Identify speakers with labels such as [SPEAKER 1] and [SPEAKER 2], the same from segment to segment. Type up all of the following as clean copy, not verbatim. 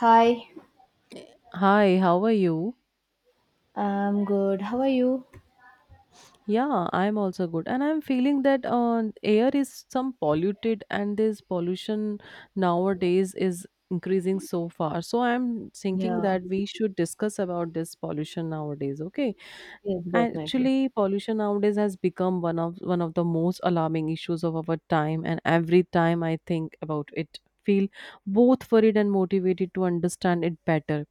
[SPEAKER 1] Hi,
[SPEAKER 2] Hi, how are you?
[SPEAKER 1] I'm good. How are you?
[SPEAKER 2] Yeah, I'm also good. And I'm feeling that air is some polluted, and this pollution nowadays is increasing so far. So I'm thinking
[SPEAKER 1] Yeah,
[SPEAKER 2] that we should discuss about this pollution nowadays, okay?
[SPEAKER 1] yes, definitely.
[SPEAKER 2] Actually, pollution nowadays has become one of the most alarming issues of our time, and every time I think about it, feel both worried and motivated to understand it better.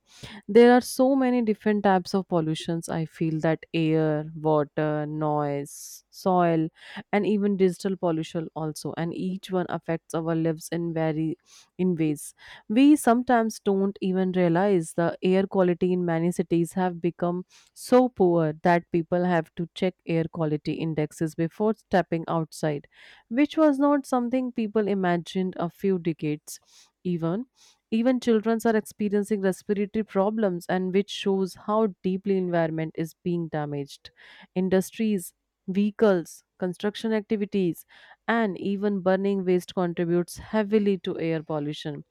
[SPEAKER 2] There are so many different types of pollutions. I feel that air, water, noise, soil, and even digital pollution also. And each one affects our lives in very in ways we sometimes don't even realize. The air quality in many cities have become so poor that people have to check air quality indexes before stepping outside, which was not something people imagined a few decades, even even children are experiencing respiratory problems, and which shows how deeply environment is being damaged. Industries, vehicles, construction activities, and even burning waste contributes heavily to air pollution.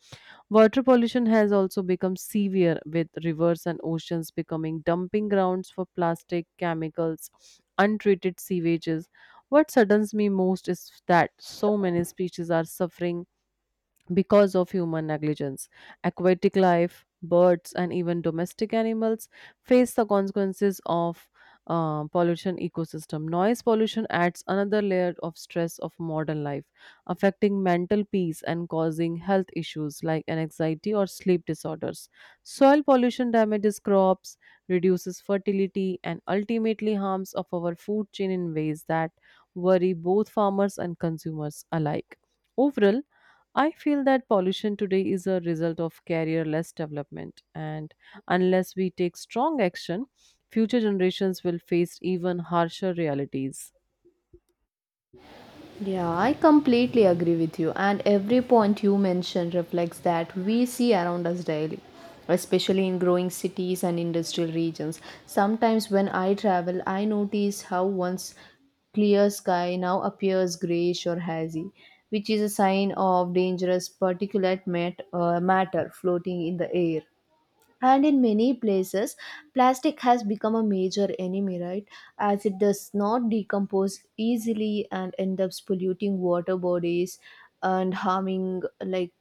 [SPEAKER 2] Water pollution has also become severe, with rivers and oceans becoming dumping grounds for plastic, chemicals, untreated sewages. What saddens me most is that so many species are suffering because of human negligence. Aquatic life, birds, and even domestic animals face the consequences of pollution ecosystem. Noise pollution adds another layer of stress of modern life, affecting mental peace and causing health issues like anxiety or sleep disorders. Soil pollution damages crops, reduces fertility, and ultimately harms of our food chain in ways that worry both farmers and consumers alike. Overall, I feel that pollution today is a result of career-less development, and unless we take strong action, future generations will face even harsher realities.
[SPEAKER 1] Yeah, I completely agree with you. And every point you mentioned reflects that we see around us daily, especially in growing cities and industrial regions. Sometimes when I travel, I notice how once clear sky now appears grayish or hazy, which is a sign of dangerous matter floating in the air. And in many places plastic has become a major enemy, right? As it does not decompose easily and end up polluting water bodies and harming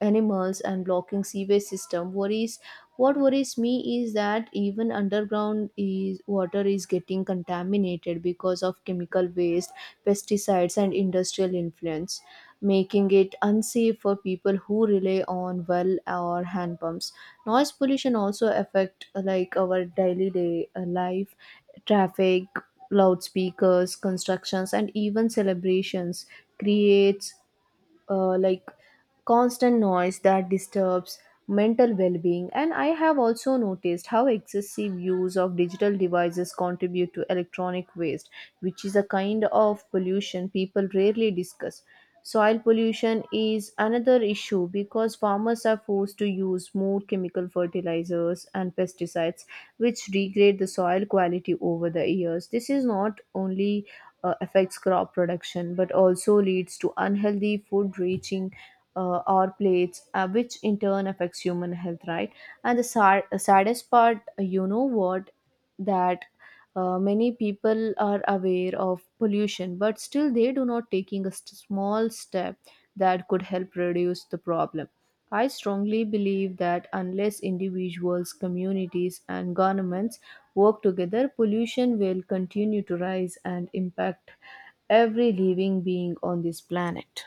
[SPEAKER 1] animals and blocking sewage system worries what worries me is that even underground is water is getting contaminated because of chemical waste, pesticides, and industrial influence, making it unsafe for people who rely on well or hand pumps. Noise pollution also affect our daily day life: traffic, loudspeakers, constructions, and even celebrations creates uh, like constant noise that disturbs mental well-being. And I have also noticed how excessive use of digital devices contribute to electronic waste, which is a kind of pollution people rarely discuss. Soil pollution is another issue because farmers are forced to use more chemical fertilizers and pesticides, which degrade the soil quality over the years. This is not only affects crop production but also leads to unhealthy food reaching our plates, which in turn affects human health, right? And the saddest part, you know what that, many people are aware of pollution, but still they do not taking a small step that could help reduce the problem. I strongly believe that unless individuals, communities, and governments work together, pollution will continue to rise and impact every living being on this planet.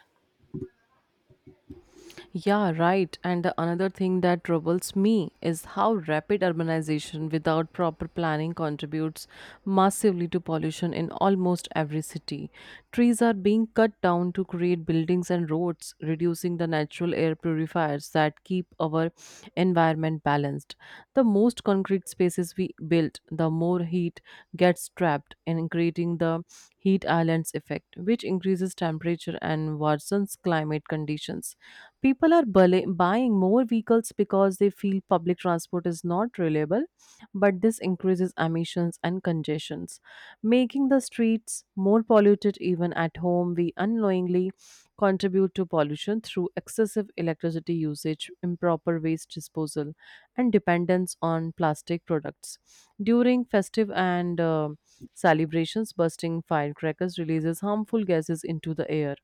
[SPEAKER 2] Yeah, right. And the another thing that troubles me is how rapid urbanization without proper planning contributes massively to pollution in almost every city. Trees are being cut down to create buildings and roads, reducing the natural air purifiers that keep our environment balanced. The most concrete spaces we build, the more heat gets trapped in, creating the heat islands effect, which increases temperature and worsens climate conditions. People are buying more vehicles because they feel public transport is not reliable, but this increases emissions and congestions, making the streets more polluted. Even at home, we unknowingly contribute to pollution through excessive electricity usage, improper waste disposal, and dependence on plastic products. During festive and celebrations, bursting firecrackers releases harmful gases into the air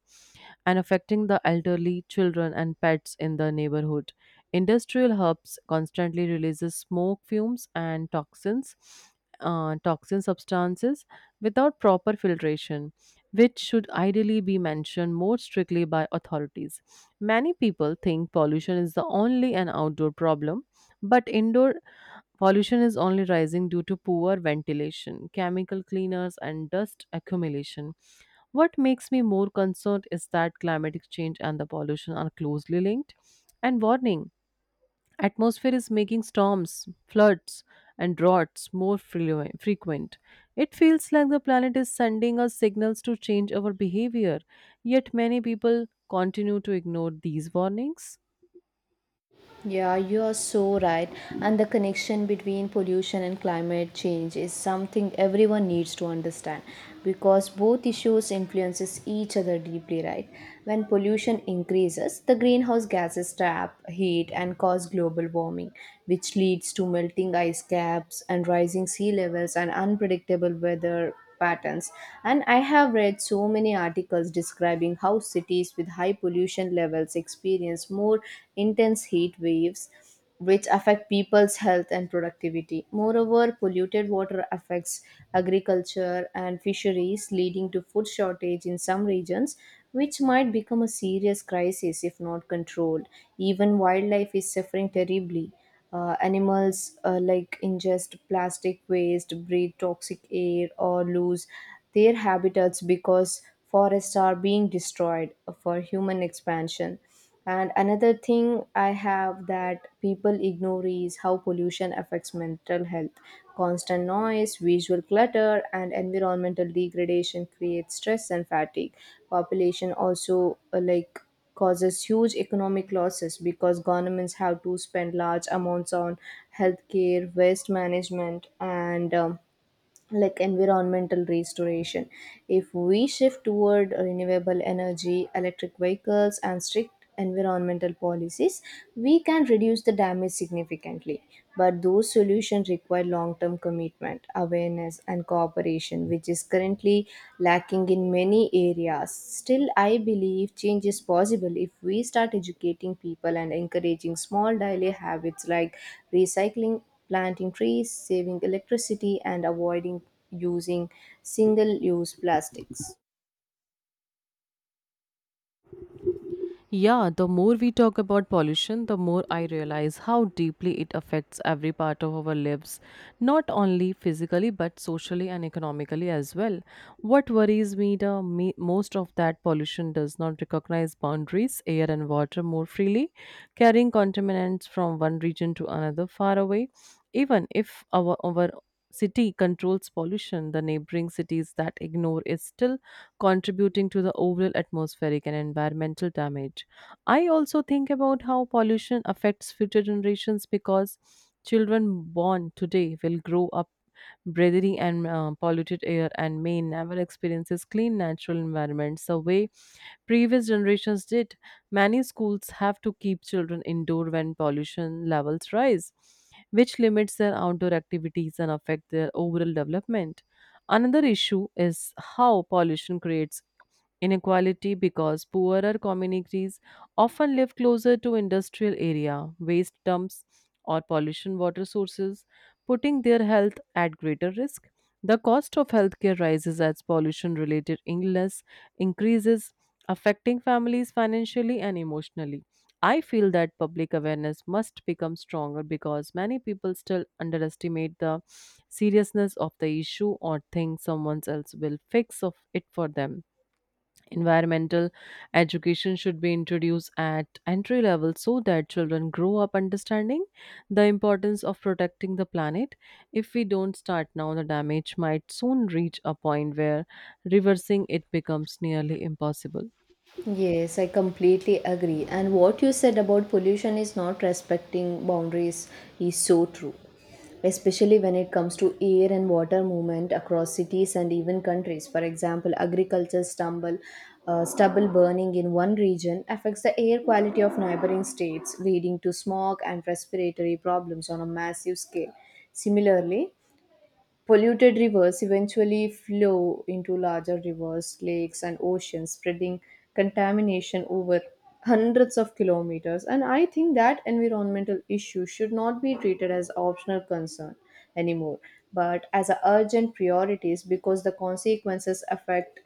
[SPEAKER 2] and affecting the elderly, children, and pets in the neighborhood. Industrial hubs constantly releases smoke fumes and toxins, toxin substances without proper filtration, which should ideally be mentioned more strictly by authorities. Many people think pollution is the only an outdoor problem, but indoor pollution is only rising due to poor ventilation, chemical cleaners, and dust accumulation. What makes me more concerned is that climatic change and the pollution are closely linked. And warning, atmosphere is making storms, floods, and droughts more frequent. It feels like the planet is sending us signals to change our behavior, yet many people continue to ignore these warnings.
[SPEAKER 1] Yeah, you are so right. And the connection between pollution and climate change is something everyone needs to understand because both issues influences each other deeply, right? When pollution increases, the greenhouse gases trap heat and cause global warming, which leads to melting ice caps and rising sea levels and unpredictable weather patterns. And I have read so many articles describing how cities with high pollution levels experience more intense heat waves, which affect people's health and productivity. Moreover, polluted water affects agriculture and fisheries, leading to food shortage in some regions, which might become a serious crisis if not controlled. Even wildlife is suffering terribly. Animals ingest plastic waste, breathe toxic air, or lose their habitats because forests are being destroyed for human expansion. And another thing I have that people ignore is how pollution affects mental health. Constant noise, visual clutter, and environmental degradation create stress and fatigue. Population also causes huge economic losses because governments have to spend large amounts on healthcare, waste management, and environmental restoration. If we shift toward renewable energy, electric vehicles, and strict environmental policies, we can reduce the damage significantly, but those solutions require long term commitment, awareness, and cooperation, which is currently lacking in many areas. Still, I believe change is possible if we start educating people and encouraging small daily habits like recycling, planting trees, saving electricity, and avoiding using single use plastics.
[SPEAKER 2] Yeah, the more we talk about pollution, the more I realize how deeply it affects every part of our lives, not only physically but socially and economically as well. What worries me most of that pollution does not recognize boundaries, air and water more freely, carrying contaminants from one region to another far away. Even if our city controls pollution, the neighboring cities that ignore it still contributing to the overall atmospheric and environmental damage. I also think about how pollution affects future generations because children born today will grow up breathing and polluted air and may never experiences clean natural environments the way previous generations did. Many schools have to keep children indoor when pollution levels rise, which limits their outdoor activities and affect their overall development. Another issue is how pollution creates inequality because poorer communities often live closer to industrial area, waste dumps or pollution water sources, putting their health at greater risk. The cost of healthcare rises as pollution related illness increases, affecting families financially and emotionally. I feel that public awareness must become stronger because many people still underestimate the seriousness of the issue or think someone else will fix of it for them. Environmental education should be introduced at entry level so that children grow up understanding the importance of protecting the planet. If we don't start now, the damage might soon reach a point where reversing it becomes nearly impossible.
[SPEAKER 1] Yes, I completely agree. And what you said about pollution is not respecting boundaries is so true, especially when it comes to air and water movement across cities and even countries. For example, stubble burning in one region affects the air quality of neighboring states, leading to smog and respiratory problems on a massive scale. Similarly, polluted rivers eventually flow into larger rivers, lakes, and oceans, spreading contamination over hundreds of kilometers. And I think that environmental issue should not be treated as optional concern anymore, but as a urgent priorities because the consequences affect,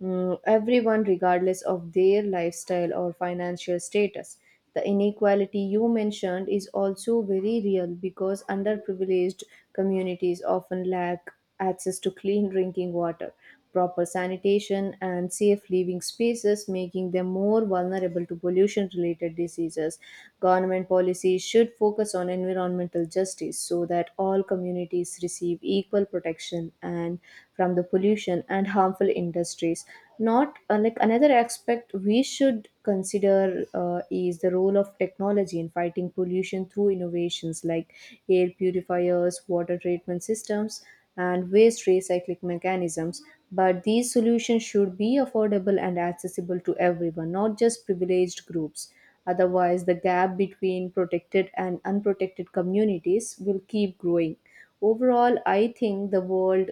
[SPEAKER 1] everyone regardless of their lifestyle or financial status. The inequality you mentioned is also very real because underprivileged communities often lack access to clean drinking water, proper sanitation, and safe living spaces, making them more vulnerable to pollution related diseases. Government policies should focus on environmental justice so that all communities receive equal protection and from the pollution and harmful industries, not another aspect we should consider, is the role of technology in fighting pollution through innovations like air purifiers, water treatment systems, and waste recycling mechanisms. But these solutions should be affordable and accessible to everyone, not just privileged groups. Otherwise, the gap between protected and unprotected communities will keep growing. Overall, I think the world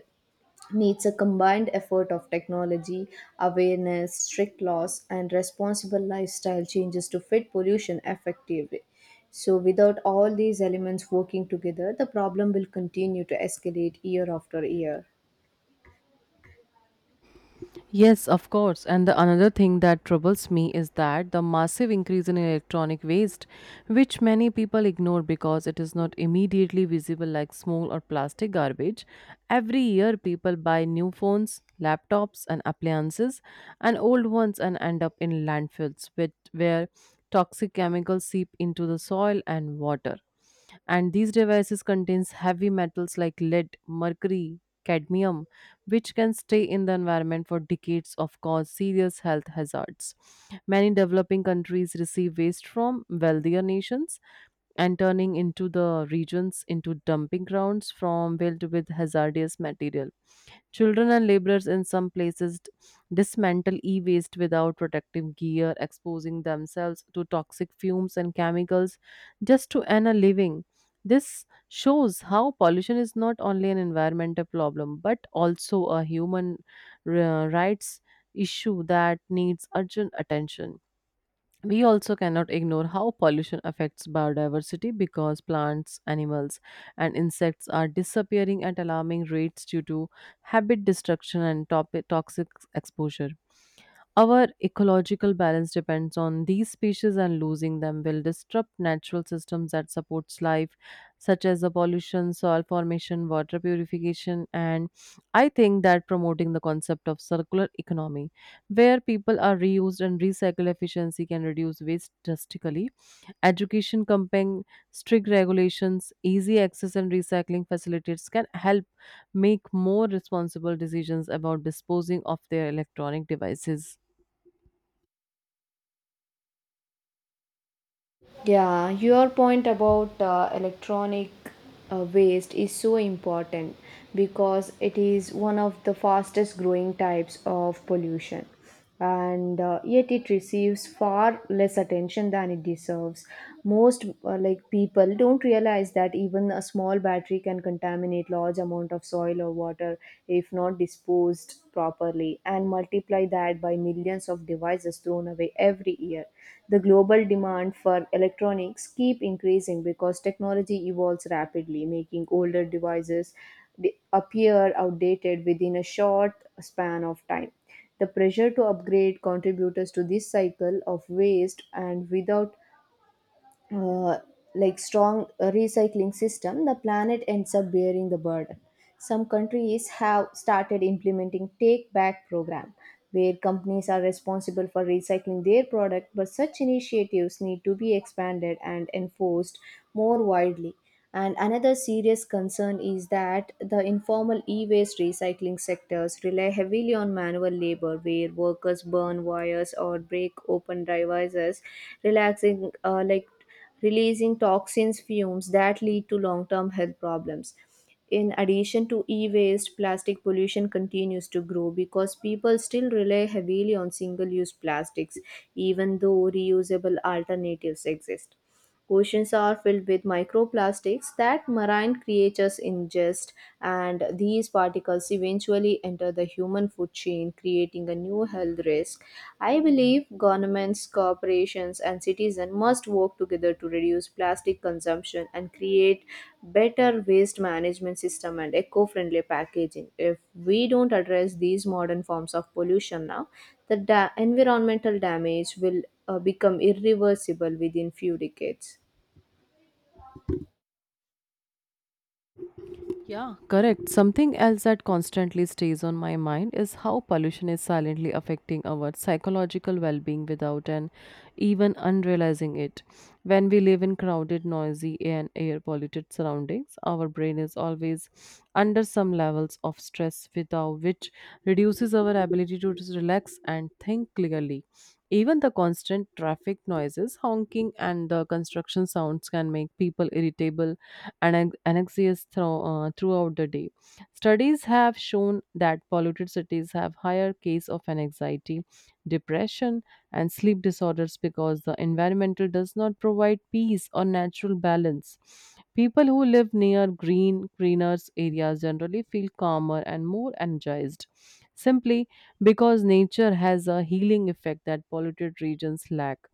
[SPEAKER 1] needs a combined effort of technology, awareness, strict laws, and responsible lifestyle changes to fit pollution effectively. So, without all these elements working together, the problem will continue to escalate year after year.
[SPEAKER 2] Yes, of course. And the another thing that troubles me is that the massive increase in electronic waste, which many people ignore because it is not immediately visible like small or plastic garbage. Every year, people buy new phones, laptops, and appliances, and old ones and end up in landfills with, where toxic chemicals seep into the soil and water. And these devices contains heavy metals like lead, mercury, cadmium, which can stay in the environment for decades of cause serious health hazards. Many developing countries receive waste from wealthier nations and turning into the regions into dumping grounds from filled with hazardous material. Children and laborers in some places dismantle e waste without protective gear, exposing themselves to toxic fumes and chemicals just to earn a living. This shows how pollution is not only an environmental problem but also a human rights issue that needs urgent attention. We also cannot ignore how pollution affects biodiversity because plants, animals, and insects are disappearing at alarming rates due to habit destruction and toxic exposure. Our ecological balance depends on these species, and losing them will disrupt natural systems that supports life, such as the pollution, soil formation, water purification, and I think that promoting the concept of circular economy where people are reused and recycled, efficiency can reduce waste drastically. Education campaign, strict regulations, easy access, and recycling facilities can help make more responsible decisions about disposing of their electronic devices.
[SPEAKER 1] Yeah, your point about electronic waste is so important because it is one of the fastest growing types of pollution, and yet it receives far less attention than it deserves. Most people don't realize that even a small battery can contaminate large amount of soil or water if not disposed properly, and multiply that by millions of devices thrown away every year. The global demand for electronics keep increasing because technology evolves rapidly, making older devices appear outdated within a short span of time. The pressure to upgrade contributes to this cycle of waste, and without uh, strong recycling system, the planet ends up bearing the burden. Some countries have started implementing take back program where companies are responsible for recycling their product, but such initiatives need to be expanded and enforced more widely. And another serious concern is that the informal e-waste recycling sectors rely heavily on manual labor, where workers burn wires or break open devices, relaxing like releasing toxins fumes that lead to long term health problems. In addition to e waste, plastic pollution continues to grow because people still rely heavily on single use plastics, even though reusable alternatives exist. Oceans are filled with microplastics that marine creatures ingest, and these particles eventually enter the human food chain, creating a new health risk. I believe governments, corporations, and citizens must work together to reduce plastic consumption and create better waste management system and eco-friendly packaging. If we don't address these modern forms of pollution now, the environmental damage will become irreversible within few decades.
[SPEAKER 2] Yeah, correct. Something else that constantly stays on my mind is how pollution is silently affecting our psychological well being without and even unrealizing it. When we live in crowded, noisy, and air polluted surroundings, our brain is always under some levels of stress, without which reduces our ability to just relax and think clearly. Even the constant traffic noises, honking, and the construction sounds can make people irritable and anxious throughout the day. Studies have shown that polluted cities have higher case of an anxiety, depression, and sleep disorders because the environmental does not provide peace or natural balance. People who live near greener areas generally feel calmer and more energized, simply because nature has a healing effect that polluted regions lack.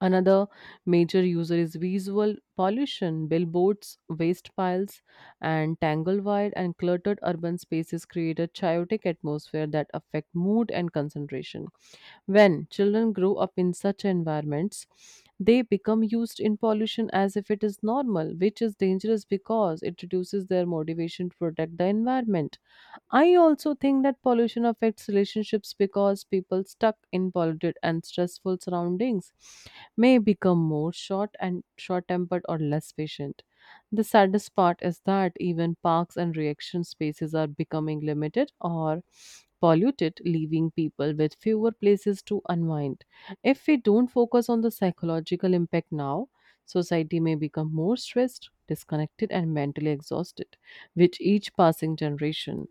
[SPEAKER 2] Another major user is visual pollution. Billboards, waste piles, and tanglewide and cluttered urban spaces create a chaotic atmosphere that affect mood and concentration. When children grow up in such environments, they become used in pollution as if it is normal, which is dangerous because it reduces their motivation to protect the environment. I also think that pollution affects relationships because people stuck in polluted and stressful surroundings may become more short-tempered or less patient. The saddest part is that even parks and reaction spaces are becoming limited or polluted, leaving people with fewer places to unwind. If we don't focus on the psychological impact now, society may become more stressed, disconnected, and mentally exhausted with each passing generation.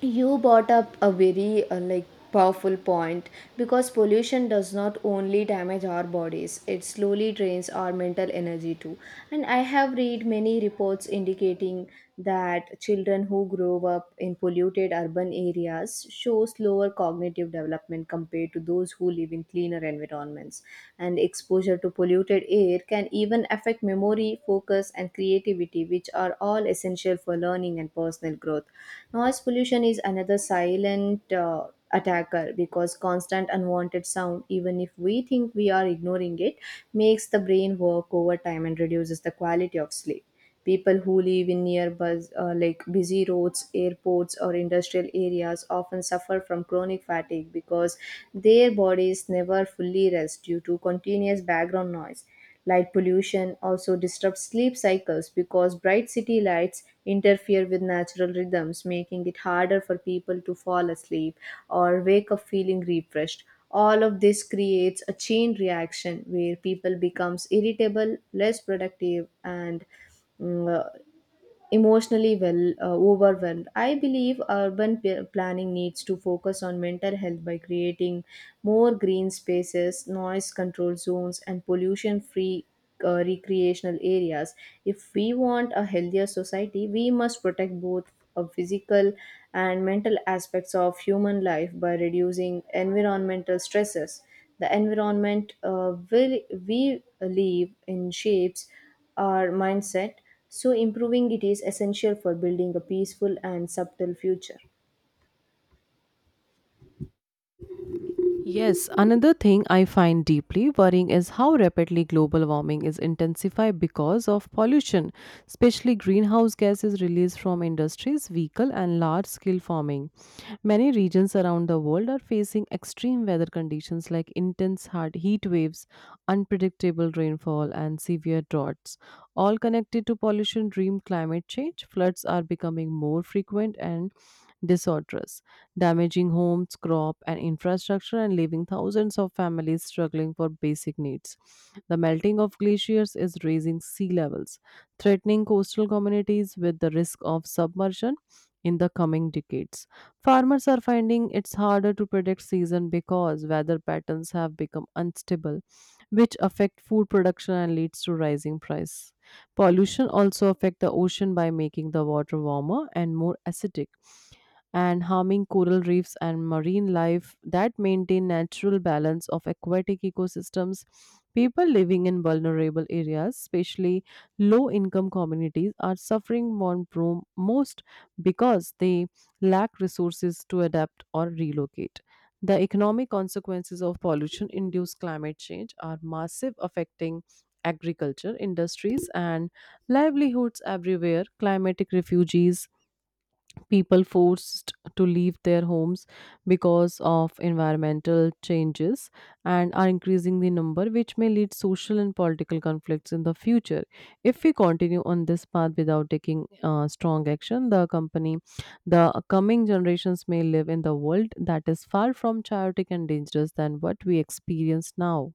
[SPEAKER 1] You brought up a very powerful point because pollution does not only damage our bodies, it slowly drains our mental energy too. And I have read many reports indicating that children who grow up in polluted urban areas show slower cognitive development compared to those who live in cleaner environments. And exposure to polluted air can even affect memory, focus, and creativity, which are all essential for learning and personal growth. Noise pollution is another silent attacker because constant unwanted sound, even if we think we are ignoring it, makes the brain work over time and reduces the quality of sleep. People who live in nearby, busy roads, airports, or industrial areas often suffer from chronic fatigue because their bodies never fully rest due to continuous background noise. Light pollution also disrupts sleep cycles because bright city lights interfere with natural rhythms, making it harder for people to fall asleep or wake up feeling refreshed. All of this creates a chain reaction where people becomes irritable, less productive, and mm, uh, emotionally overwhelmed. I believe urban planning needs to focus on mental health by creating more green spaces, noise control zones, and pollution free recreational areas. If we want a healthier society, we must protect both physical and mental aspects of human life by reducing environmental stresses. The environment will we live in shapes our mindset. So, improving it is essential for building a peaceful and subtle future.
[SPEAKER 2] Yes, another thing I find deeply worrying is how rapidly global warming is intensified because of pollution, especially greenhouse gases released from industries, vehicle and large scale farming. Many regions around the world are facing extreme weather conditions like intense hard heat waves, unpredictable rainfall and severe droughts, all connected to pollution dream climate change. Floods are becoming more frequent and disorders, damaging homes, crop, and infrastructure, and leaving thousands of families struggling for basic needs. The melting of glaciers is raising sea levels, threatening coastal communities with the risk of submersion in the coming decades. Farmers are finding it's harder to predict season because weather patterns have become unstable, which affect food production and leads to rising price. Pollution also affect the ocean by making the water warmer and more acidic, and harming coral reefs and marine life that maintain natural balance of aquatic ecosystems. People living in vulnerable areas, especially low income communities, are suffering most because they lack resources to adapt or relocate. The economic consequences of pollution induced climate change are massive, affecting agriculture industries and livelihoods everywhere. Climatic refugees, people forced to leave their homes because of environmental changes, and are increasing the number, which may lead social and political conflicts in the future. If we continue on this path without taking strong action, the company the coming generations may live in the world that is far from chaotic and dangerous than what we experience now.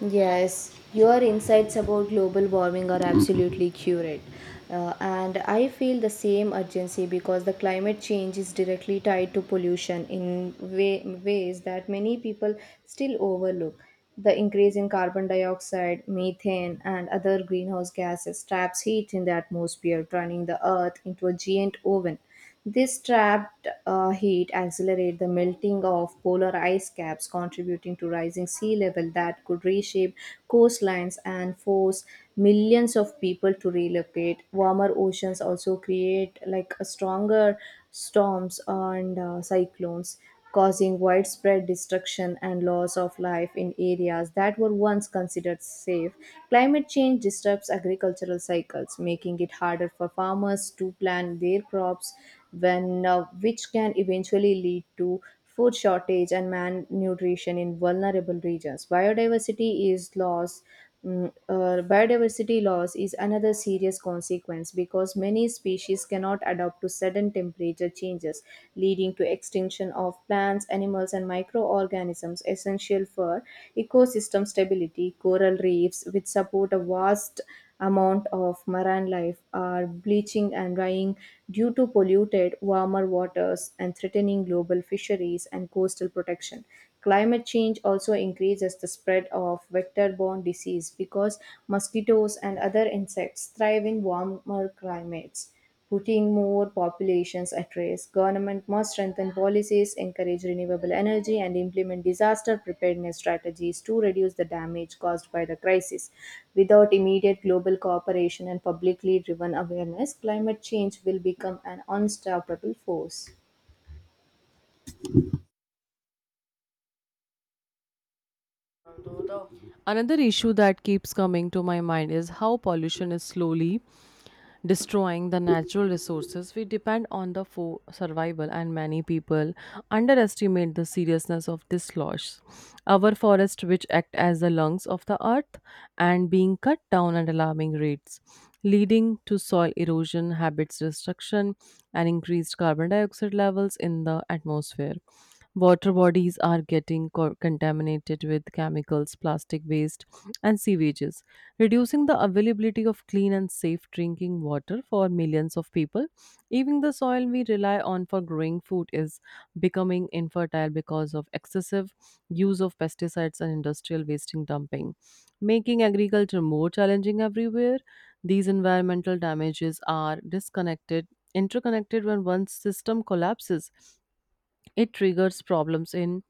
[SPEAKER 1] Yes, your insights about global warming are absolutely accurate. And I feel the same urgency because the climate change is directly tied to pollution in ways that many people still overlook. The increase in carbon dioxide, methane, and other greenhouse gases traps heat in the atmosphere, turning the earth into a giant oven. This trapped heat accelerates the melting of polar ice caps, contributing to rising sea level that could reshape coastlines and force millions of people to relocate. Warmer oceans also create like a stronger storms and cyclones, causing widespread destruction and loss of life in areas that were once considered safe. Climate change disrupts agricultural cycles, making it harder for farmers to plant their crops, which can eventually lead to food shortage and malnutrition in vulnerable regions. Biodiversity loss is another serious consequence because many species cannot adapt to sudden temperature changes, leading to extinction of plants, animals, and microorganisms essential for ecosystem stability. Coral reefs, which support a vast amount of marine life, are bleaching and drying due to polluted, warmer waters, and threatening global fisheries and coastal protection. Climate change also increases the spread of vector borne disease because mosquitoes and other insects thrive in warmer climates, putting more populations at risk. Government must strengthen policies, encourage renewable energy, and implement disaster preparedness strategies to reduce the damage caused by the crisis. Without immediate global cooperation and publicly driven awareness, climate change will become an unstoppable force.
[SPEAKER 2] Another issue that keeps coming to my mind is how pollution is slowly destroying the natural resources we depend on the for survival, and many people underestimate the seriousness of this loss. Our forests, which act as the lungs of the earth and being cut down at alarming rates, leading to soil erosion, habits destruction, and increased carbon dioxide levels in the atmosphere. Water bodies are getting contaminated with chemicals, plastic waste, and sewages, reducing the availability of clean and safe drinking water for millions of people. Even the soil we rely on for growing food is becoming infertile because of excessive use of pesticides and industrial wasting dumping, making agriculture more challenging everywhere. These environmental damages are disconnected, interconnected when one system collapses. It triggers problems in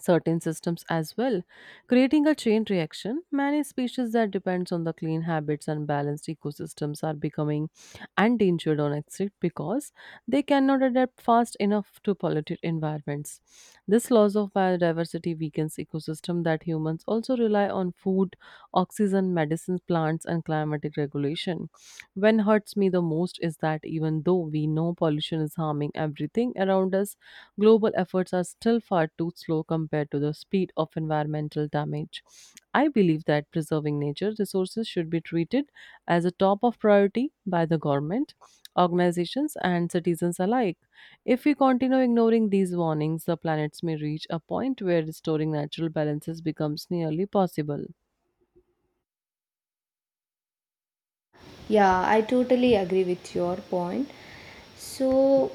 [SPEAKER 2] certain systems as well, creating a chain reaction. Many species that depends on the clean habits and balanced ecosystems are becoming endangered on extinct because they cannot adapt fast enough to polluted environments. This loss of biodiversity weakens ecosystem that humans also rely on food, oxygen, medicines, plants, and climatic regulation. When hurts me the most is that even though we know pollution is harming everything around us, global efforts are still far too slow compared to the speed of environmental damage. I believe that preserving nature resources should be treated as a top of priority by the government, organizations, and citizens alike. If we continue ignoring these warnings, the planets may reach a point where restoring natural balances becomes nearly possible.
[SPEAKER 1] Yeah, I totally agree with your point. So,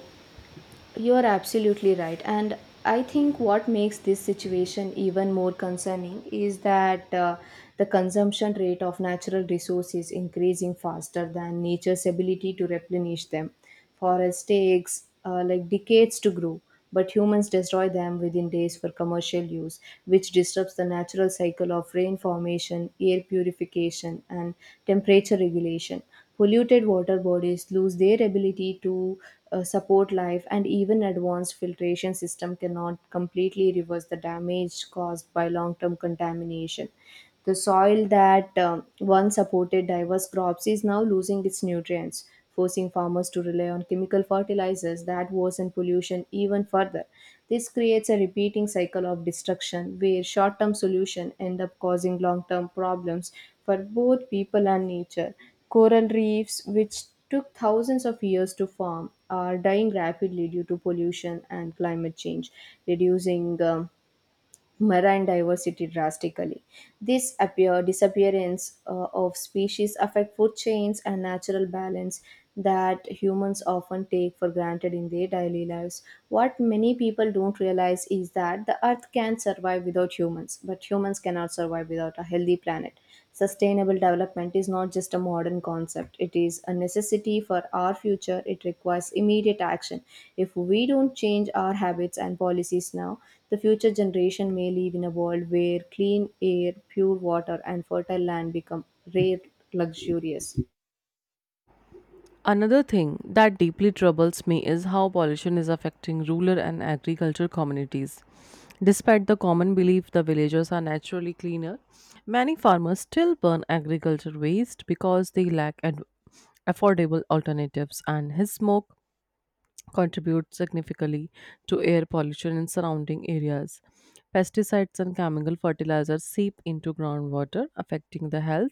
[SPEAKER 1] you're absolutely right. And I think what makes this situation even more concerning is that the consumption rate of natural resources increasing faster than nature's ability to replenish them. Forests takes like decades to grow, but humans destroy them within days for commercial use, which disrupts the natural cycle of rain formation, air purification, and temperature regulation. Polluted water bodies lose their ability to support life, and even advanced filtration system cannot completely reverse the damage caused by long-term contamination. The soil that once supported diverse crops is now losing its nutrients, forcing farmers to rely on chemical fertilizers that worsen pollution even further. This creates a repeating cycle of destruction where short term solutions end up causing long term problems for both people and nature. Coral reefs, which took thousands of years to form, are dying rapidly due to pollution and climate change, reducing marine diversity drastically. Disappearance of species affect food chains and natural balance that humans often take for granted in their daily lives. What many people don't realize is that the earth can survive without humans, but humans cannot survive without a healthy planet. Sustainable development is not just a modern concept, it is a necessity for our future. It requires immediate action. If we don't change our habits and policies now, the future generation may live in a world where clean air, pure water, and fertile land become rare luxurious.
[SPEAKER 2] Another thing that deeply troubles me is how pollution is affecting rural and agriculture communities. Despite the common belief the villages are naturally cleaner, many farmers still burn agriculture waste because they lack affordable alternatives, and his smoke contribute significantly to air pollution in surrounding areas. Pesticides and chemical fertilizers seep into groundwater, affecting the health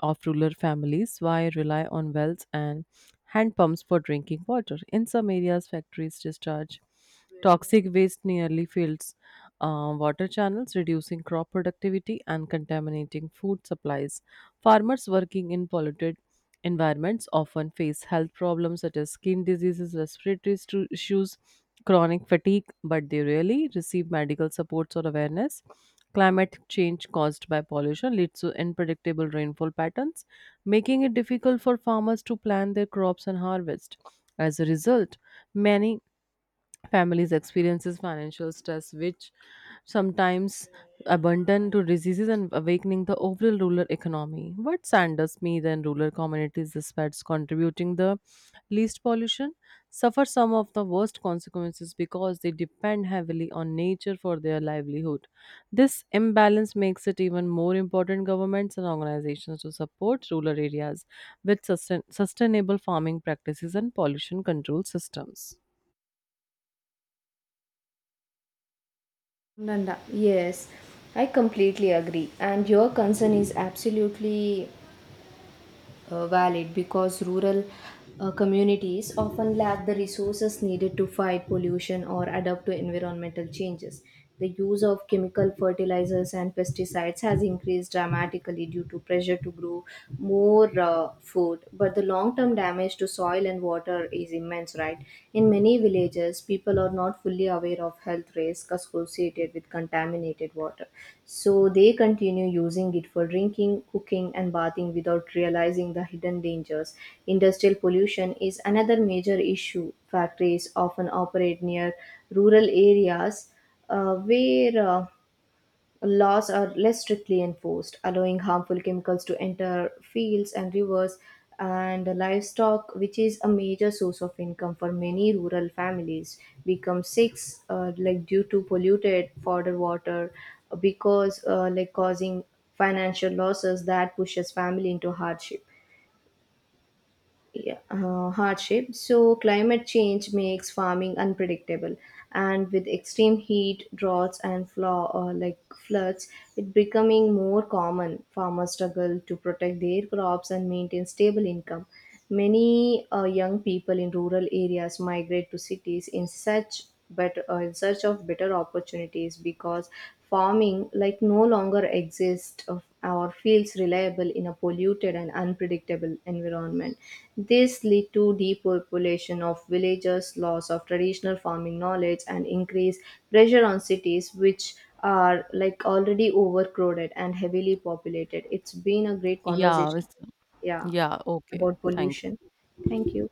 [SPEAKER 2] of rural families while rely on wells and hand pumps for drinking water. In some areas, factories discharge toxic waste nearly fills water channels, reducing crop productivity and contaminating food supplies. Farmers working in polluted environments often face health problems such as skin diseases, respiratory issues, chronic fatigue, but they rarely receive medical supports or awareness. Climate change caused by pollution leads to unpredictable rainfall patterns, making it difficult for farmers to plant their crops and harvest. As a result, many families experiences financial stress, which sometimes abundant to diseases and awakening the overall rural economy. What Sanders means and rural communities, despite contributing the least pollution, suffer some of the worst consequences because they depend heavily on nature for their livelihood. This imbalance makes it even more important governments and organizations to support rural areas with sustainable farming practices and pollution control systems.
[SPEAKER 1] Nanda, yes, I completely agree. And your concern is absolutely valid because rural communities often lack the resources needed to fight pollution or adapt to environmental changes. The use of chemical fertilizers and pesticides has increased dramatically due to pressure to grow more food, but the long term damage to soil and water is immense, right? In many villages, people are not fully aware of health risks associated with contaminated water. So they continue using it for drinking, cooking, and bathing without realizing the hidden dangers. Industrial pollution is another major issue. Factories often operate near rural areas where laws are less strictly enforced, allowing harmful chemicals to enter fields and rivers, and livestock, which is a major source of income for many rural families, become sick like due to polluted fodder water because like causing financial losses that pushes family into hardship, yeah, hardship. So, climate change makes farming unpredictable, and with extreme heat, droughts, and like floods, it becoming more common. Farmers struggle to protect their crops and maintain stable income. Many young people in rural areas migrate to cities in such better in search of better opportunities because farming like no longer exists of- or feels reliable in a polluted and unpredictable environment. This lead to depopulation of villages, loss of traditional farming knowledge, and increased pressure on cities, which are like already overcrowded and heavily populated. It's been a great
[SPEAKER 2] Yeah,
[SPEAKER 1] conversation.
[SPEAKER 2] it's-
[SPEAKER 1] Yeah,
[SPEAKER 2] yeah, okay.
[SPEAKER 1] about
[SPEAKER 2] Thank
[SPEAKER 1] pollution.
[SPEAKER 2] you.
[SPEAKER 1] Thank you.